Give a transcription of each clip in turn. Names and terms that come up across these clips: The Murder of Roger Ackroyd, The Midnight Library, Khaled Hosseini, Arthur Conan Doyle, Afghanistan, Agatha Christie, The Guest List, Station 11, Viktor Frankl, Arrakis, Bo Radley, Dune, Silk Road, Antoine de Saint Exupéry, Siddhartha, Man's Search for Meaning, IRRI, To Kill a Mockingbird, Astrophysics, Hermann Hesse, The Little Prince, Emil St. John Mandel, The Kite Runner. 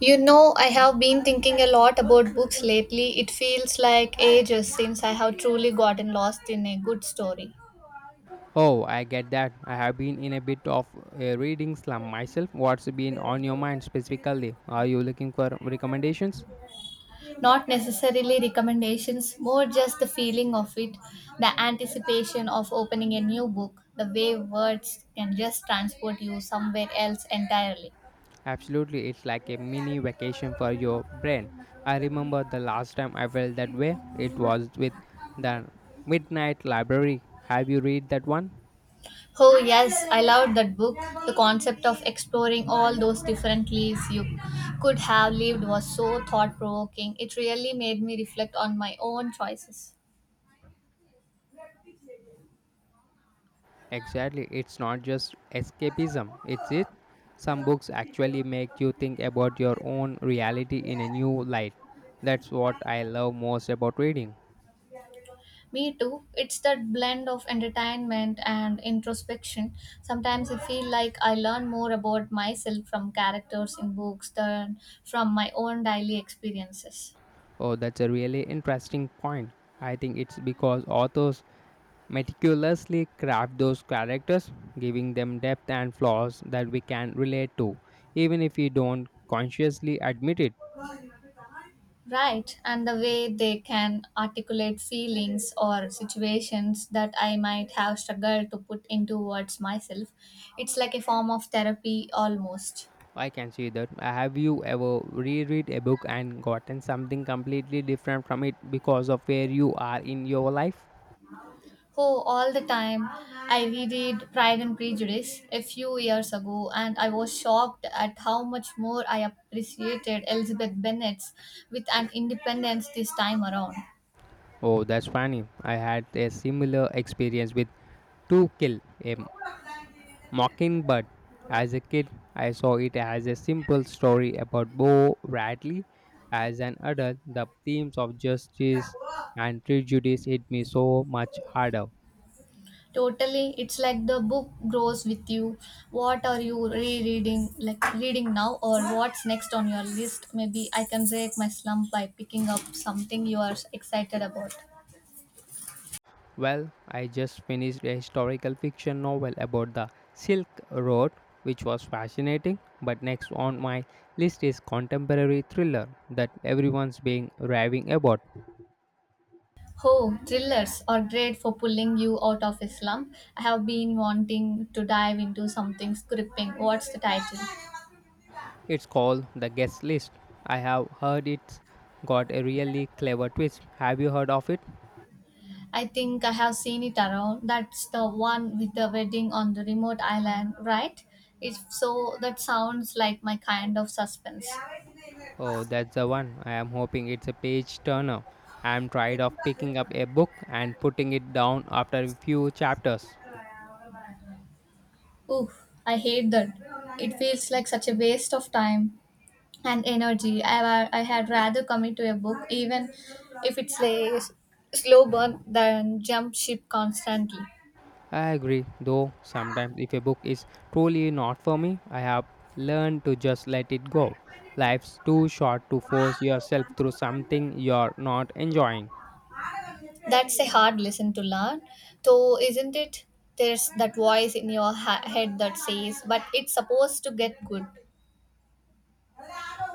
You know, I have been thinking a lot about books lately. It feels like ages since I have truly gotten lost in a good story. Oh, I get that. I have been in a bit of a reading slump myself. What's been on your mind specifically? Are you looking for recommendations? Not necessarily recommendations, more just the feeling of it, the anticipation of opening a new book, the way words can just transport you somewhere else entirely. Absolutely, it's like a mini vacation for your brain. I remember the last time I felt that way. It was with the Midnight Library. Have you read that one? Oh, yes, I loved that book. The concept of exploring all those different lives you could have lived was so thought provoking. It really made me reflect on my own choices. Exactly, it's not just escapism, it's it. Some books actually make you think about your own reality in a new light. That's what I love most about reading. Me too. It's that blend of entertainment and introspection. Sometimes I feel like I learn more about myself from characters in books than from my own daily experiences. Oh, that's a really interesting point. I think it's because authors meticulously craft those characters, giving them depth and flaws that we can relate to, even if we don't consciously admit it. Right, and the way they can articulate feelings or situations that I might have struggled to put into words myself. It's like a form of therapy almost. I can see that. Have you ever reread a book and gotten something completely different from it because of where you are in your life? Oh, all the time. I reread Pride and Prejudice a few years ago and I was shocked at how much more I appreciated Elizabeth Bennet's with an independence this time around. Oh, that's funny. I had a similar experience with To Kill a Mockingbird. As a kid, I saw it as a simple story about Bo Radley. As an adult, the themes of justice and prejudice hit me so much harder. Totally, it's like the book grows with you. What are you rereading, like reading now, or what's next on your list? Maybe I can break my slump by picking up something you are excited about. Well, I just finished a historical fiction novel about the Silk Road, which was fascinating, but next on my list is contemporary thriller that everyone's being raving about. Oh, thrillers are great for pulling you out of a slump. I have been wanting to dive into something gripping. What's the title? It's called The Guest List. I have heard it's got a really clever twist. Have you heard of it? I think I have seen it around. That's the one with the wedding on the remote island, right? If so, that sounds like my kind of suspense. Oh, that's the one. I am hoping it's a page turner. I am tired of picking up a book and putting it down after a few chapters. Ooh, I hate that. It feels like such a waste of time and energy. I had rather commit to a book, even if it's a slow burn, than jump ship constantly. I agree, though sometimes if a book is truly not for me, I have learned to just let it go. Life's too short to force yourself through something you're not enjoying. That's a hard lesson to learn, though, isn't it? There's that voice in your head that says, "But it's supposed to get good."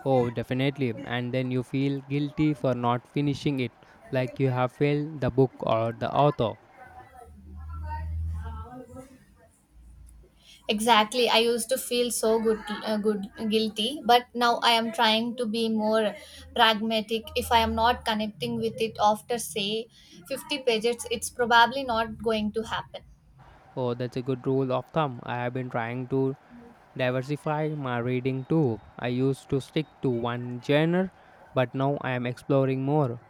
Oh, definitely. And then you feel guilty for not finishing it, like you have failed the book or the author. Exactly. I used to feel so good, good guilty, but now I am trying to be more pragmatic. If I am not connecting with it after say 50 pages, it's probably not going to happen. Oh, that's a good rule of thumb. I have been trying to diversify my reading too. I used to stick to one genre, but now I am exploring more.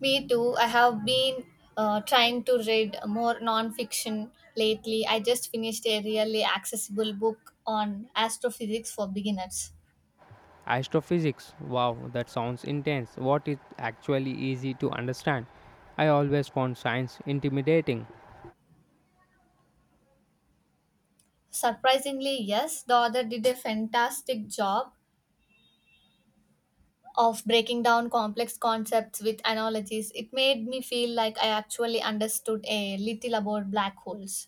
Me too. I have been trying to read more non-fiction lately. I just finished a really accessible book on astrophysics for beginners. Astrophysics. Wow, that sounds intense. What is actually easy to understand? I always found science intimidating. Surprisingly, yes, the author did a fantastic job of breaking down complex concepts with analogies. It made me feel like I actually understood a little about black holes.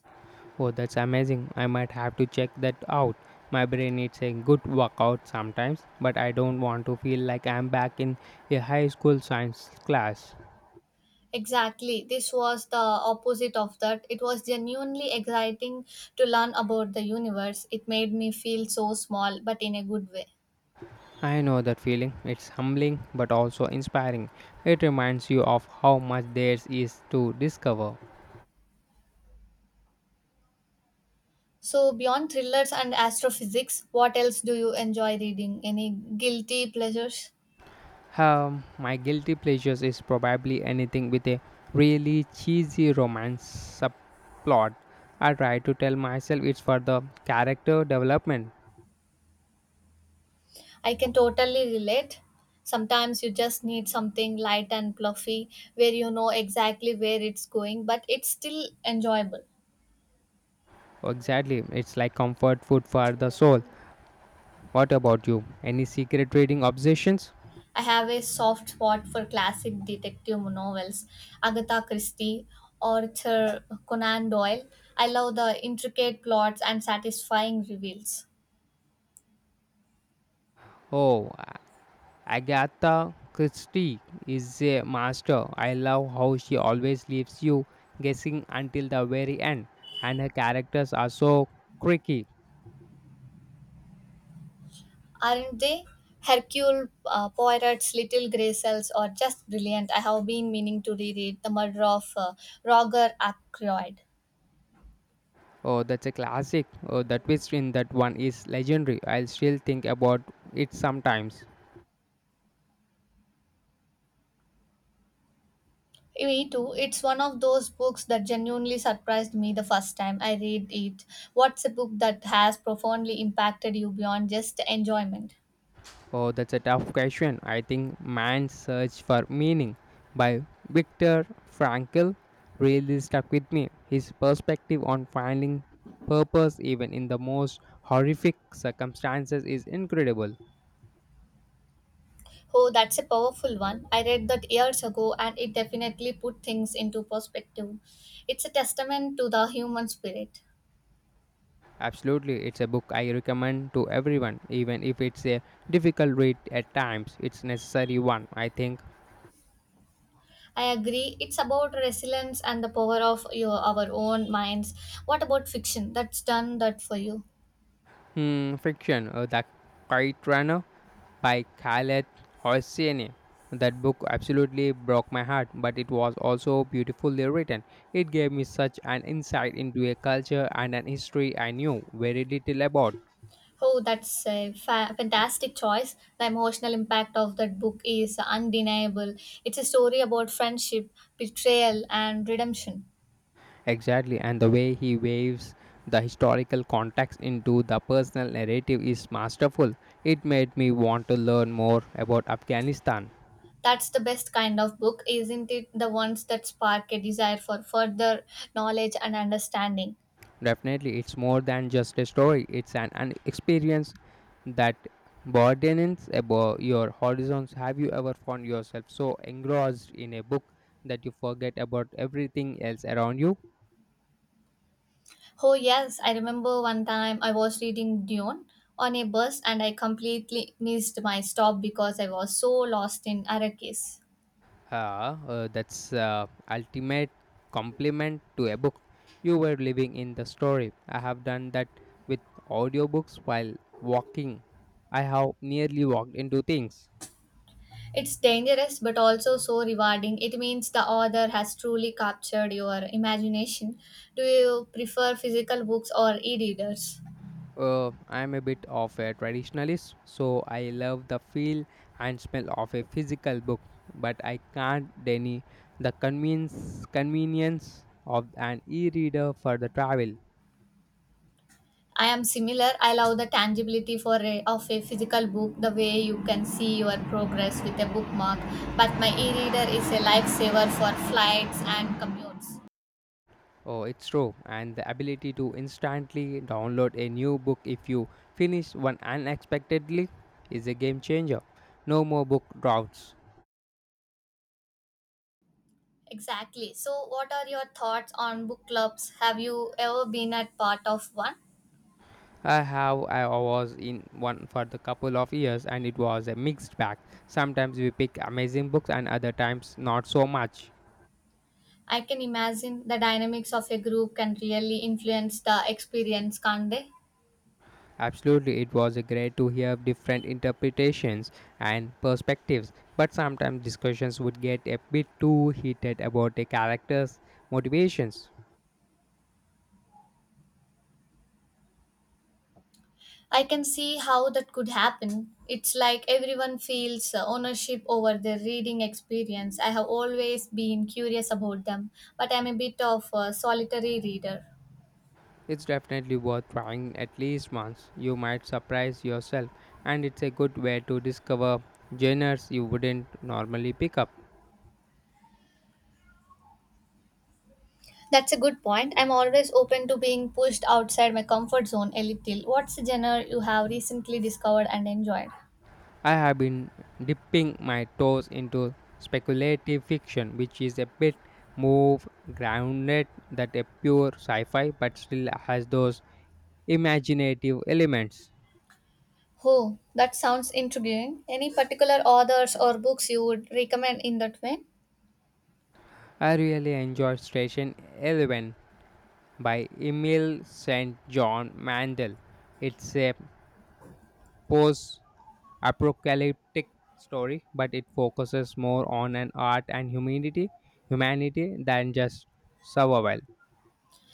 Oh, that's amazing. I might have to check that out. My brain needs a good workout sometimes, but I don't want to feel like I'm back in a high school science class. Exactly. This was the opposite of that. It was genuinely exciting to learn about the universe. It made me feel so small, but in a good way. I know that feeling. It's humbling but also inspiring. It reminds you of how much there is to discover. So, beyond thrillers and astrophysics, what else do you enjoy reading? Any guilty pleasures? My guilty pleasures is probably anything with a really cheesy romance subplot. I try to tell myself it's for the character development. I can totally relate. Sometimes you just need something light and fluffy where you know exactly where it's going, but it's still enjoyable. Oh, exactly, it's like comfort food for the soul. What about you? Any secret reading obsessions? I have a soft spot for classic detective novels, Agatha Christie, Arthur Conan Doyle. I love the intricate plots and satisfying reveals. Oh, Agatha Christie is a master. I love how she always leaves you guessing until the very end, and her characters are so quirky. Aren't they? Hercule Poirot's Little Grey Cells are just brilliant. I have been meaning to reread The Murder of Roger Ackroyd. Oh, that's a classic. Oh, the twist in that one is legendary. I'll still think about it sometimes. Me too. It's one of those books that genuinely surprised me the first time I read it. What's a book that has profoundly impacted you beyond just enjoyment? Oh, that's a tough question. I think Man's Search for Meaning by Viktor Frankl really stuck with me. His perspective on finding purpose even in the most horrific circumstances is incredible. Oh, that's a powerful one. I read that years ago and it definitely put things into perspective. It's a testament to the human spirit. Absolutely, it's a book I recommend to everyone, even if it's a difficult read at times. It's necessary one, I think. I agree. It's about resilience and the power of your our own minds. What about fiction? That's done that for you. Hmm, fiction, The Kite Runner by Khaled Hosseini. That book absolutely broke my heart, but it was also beautifully written. It gave me such an insight into a culture and an history I knew very little about. Oh, that's a fantastic choice. The emotional impact of that book is undeniable. It's a story about friendship, betrayal, and redemption. Exactly, and the way he waves the historical context into the personal narrative is masterful. It made me want to learn more about Afghanistan. That's the best kind of book, isn't it? The ones that spark a desire for further knowledge and understanding. Definitely, it's more than just a story, it's an experience that broadens about your horizons. Have you ever found yourself so engrossed in a book that you forget about everything else around you? Oh, yes, I remember one time I was reading Dune on a bus and I completely missed my stop because I was so lost in Arrakis. Ah, that's ultimate compliment to a book. You were living in the story. I have done that with audiobooks while walking. I have nearly walked into things. It's dangerous but also so rewarding. It means the author has truly captured your imagination. Do you prefer physical books or e readers? I'm a bit of a traditionalist, so I love the feel and smell of a physical book, but I can't deny the convenience of an e-reader for the travel. I am similar. I love the tangibility of a physical book, the way you can see your progress with a bookmark. But my e-reader is a lifesaver for flights and commutes. Oh, it's true, and the ability to instantly download a new book if you finish one unexpectedly is a game changer. No more book droughts. Exactly. So, what are your thoughts on book clubs? Have you ever been at part of one? I have. I was in one for the couple of years, and it was a mixed bag. Sometimes we pick amazing books, and other times not so much. I can imagine the dynamics of a group can really influence the experience, can't they? Absolutely, it was great to hear different interpretations and perspectives, but sometimes discussions would get a bit too heated about a character's motivations. I can see how that could happen. It's like everyone feels ownership over their reading experience. I have always been curious about them, but I'm a bit of a solitary reader. It's definitely worth trying at least once. You might surprise yourself, and it's a good way to discover genres you wouldn't normally pick up. That's a good point. I'm always open to being pushed outside my comfort zone a little. What's the genre you have recently discovered and enjoyed? I have been dipping my toes into speculative fiction, which is a bit more grounded than a pure sci fi but still has those imaginative elements. Oh, that sounds intriguing. Any particular authors or books you would recommend in that vein? I really enjoyed Station 11 by Emil St. John Mandel. It's a post apocalyptic story, but it focuses more on an art and humanity than just survival.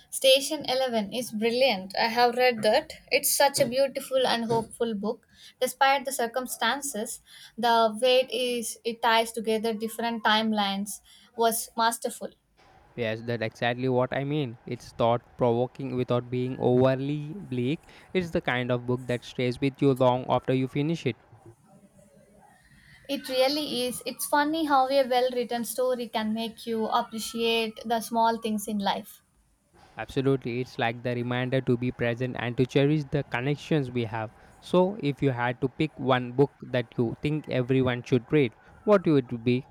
Station 11 is brilliant. I have read that. It's such a beautiful and hopeful book. Despite the circumstances, the way it ties together different timelines was masterful. Yes, that's exactly what I mean. It's thought provoking without being overly bleak. It's the kind of book that stays with you long after you finish it. It really is. It's funny how a well written story can make you appreciate the small things in life. Absolutely, it's like the reminder to be present and to cherish the connections we have. So, if you had to pick one book that you think everyone should read, what would it be?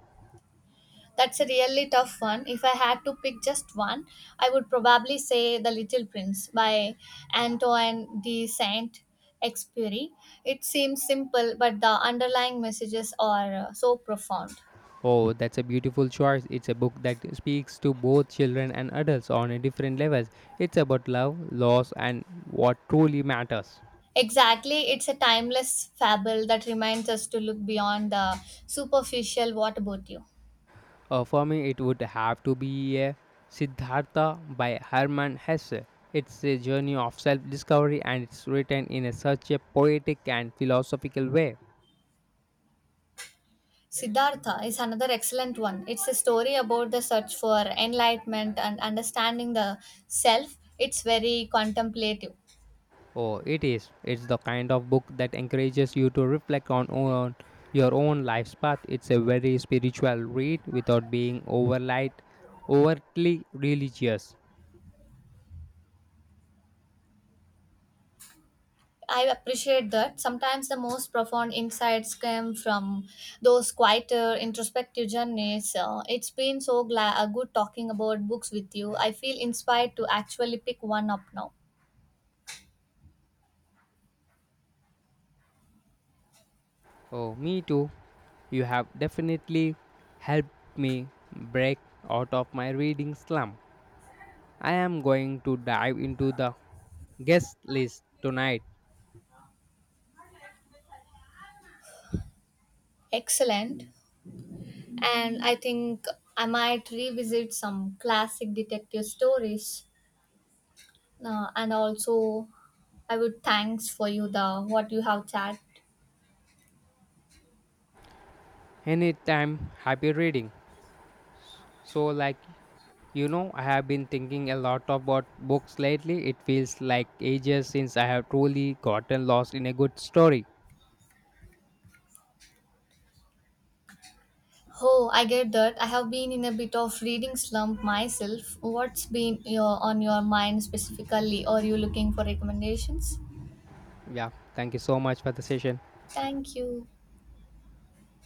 That's a really tough one. If I had to pick just one, I would probably say The Little Prince by Antoine de Saint Exupéry. It seems simple, but the underlying messages are so profound. Oh, that's a beautiful choice. It's a book that speaks to both children and adults on a different levels. It's about love, loss, and what truly matters. Exactly, it's a timeless fable that reminds us to look beyond the superficial. What about you? For me, it would have to be Siddhartha by Hermann Hesse. It's a journey of self discovery and it's written in a such a poetic and philosophical way. Siddhartha is another excellent one. It's a story about the search for enlightenment and understanding the self. It's very contemplative. Oh, it is. It's the kind of book that encourages you to reflect on your own life's path. It's a very spiritual read without being overtly religious. I appreciate that. Sometimes the most profound insights come from those quieter, introspective journeys. It's been so good talking about books with you. I feel inspired to actually pick one up now. Oh, me too. You have definitely helped me break out of my reading slump. I am going to dive into the guest list tonight. Excellent. And I think I might revisit some classic detective stories. And also, I would thanks for you the what you have chat. Anytime, happy reading. So, I have been thinking a lot about books lately. It feels like ages since I have truly gotten lost in a good story. Oh, I get that. I have been in a bit of reading slump myself. What's been on your mind specifically? Are you looking for recommendations? Yeah, thank you so much for the session. Thank you.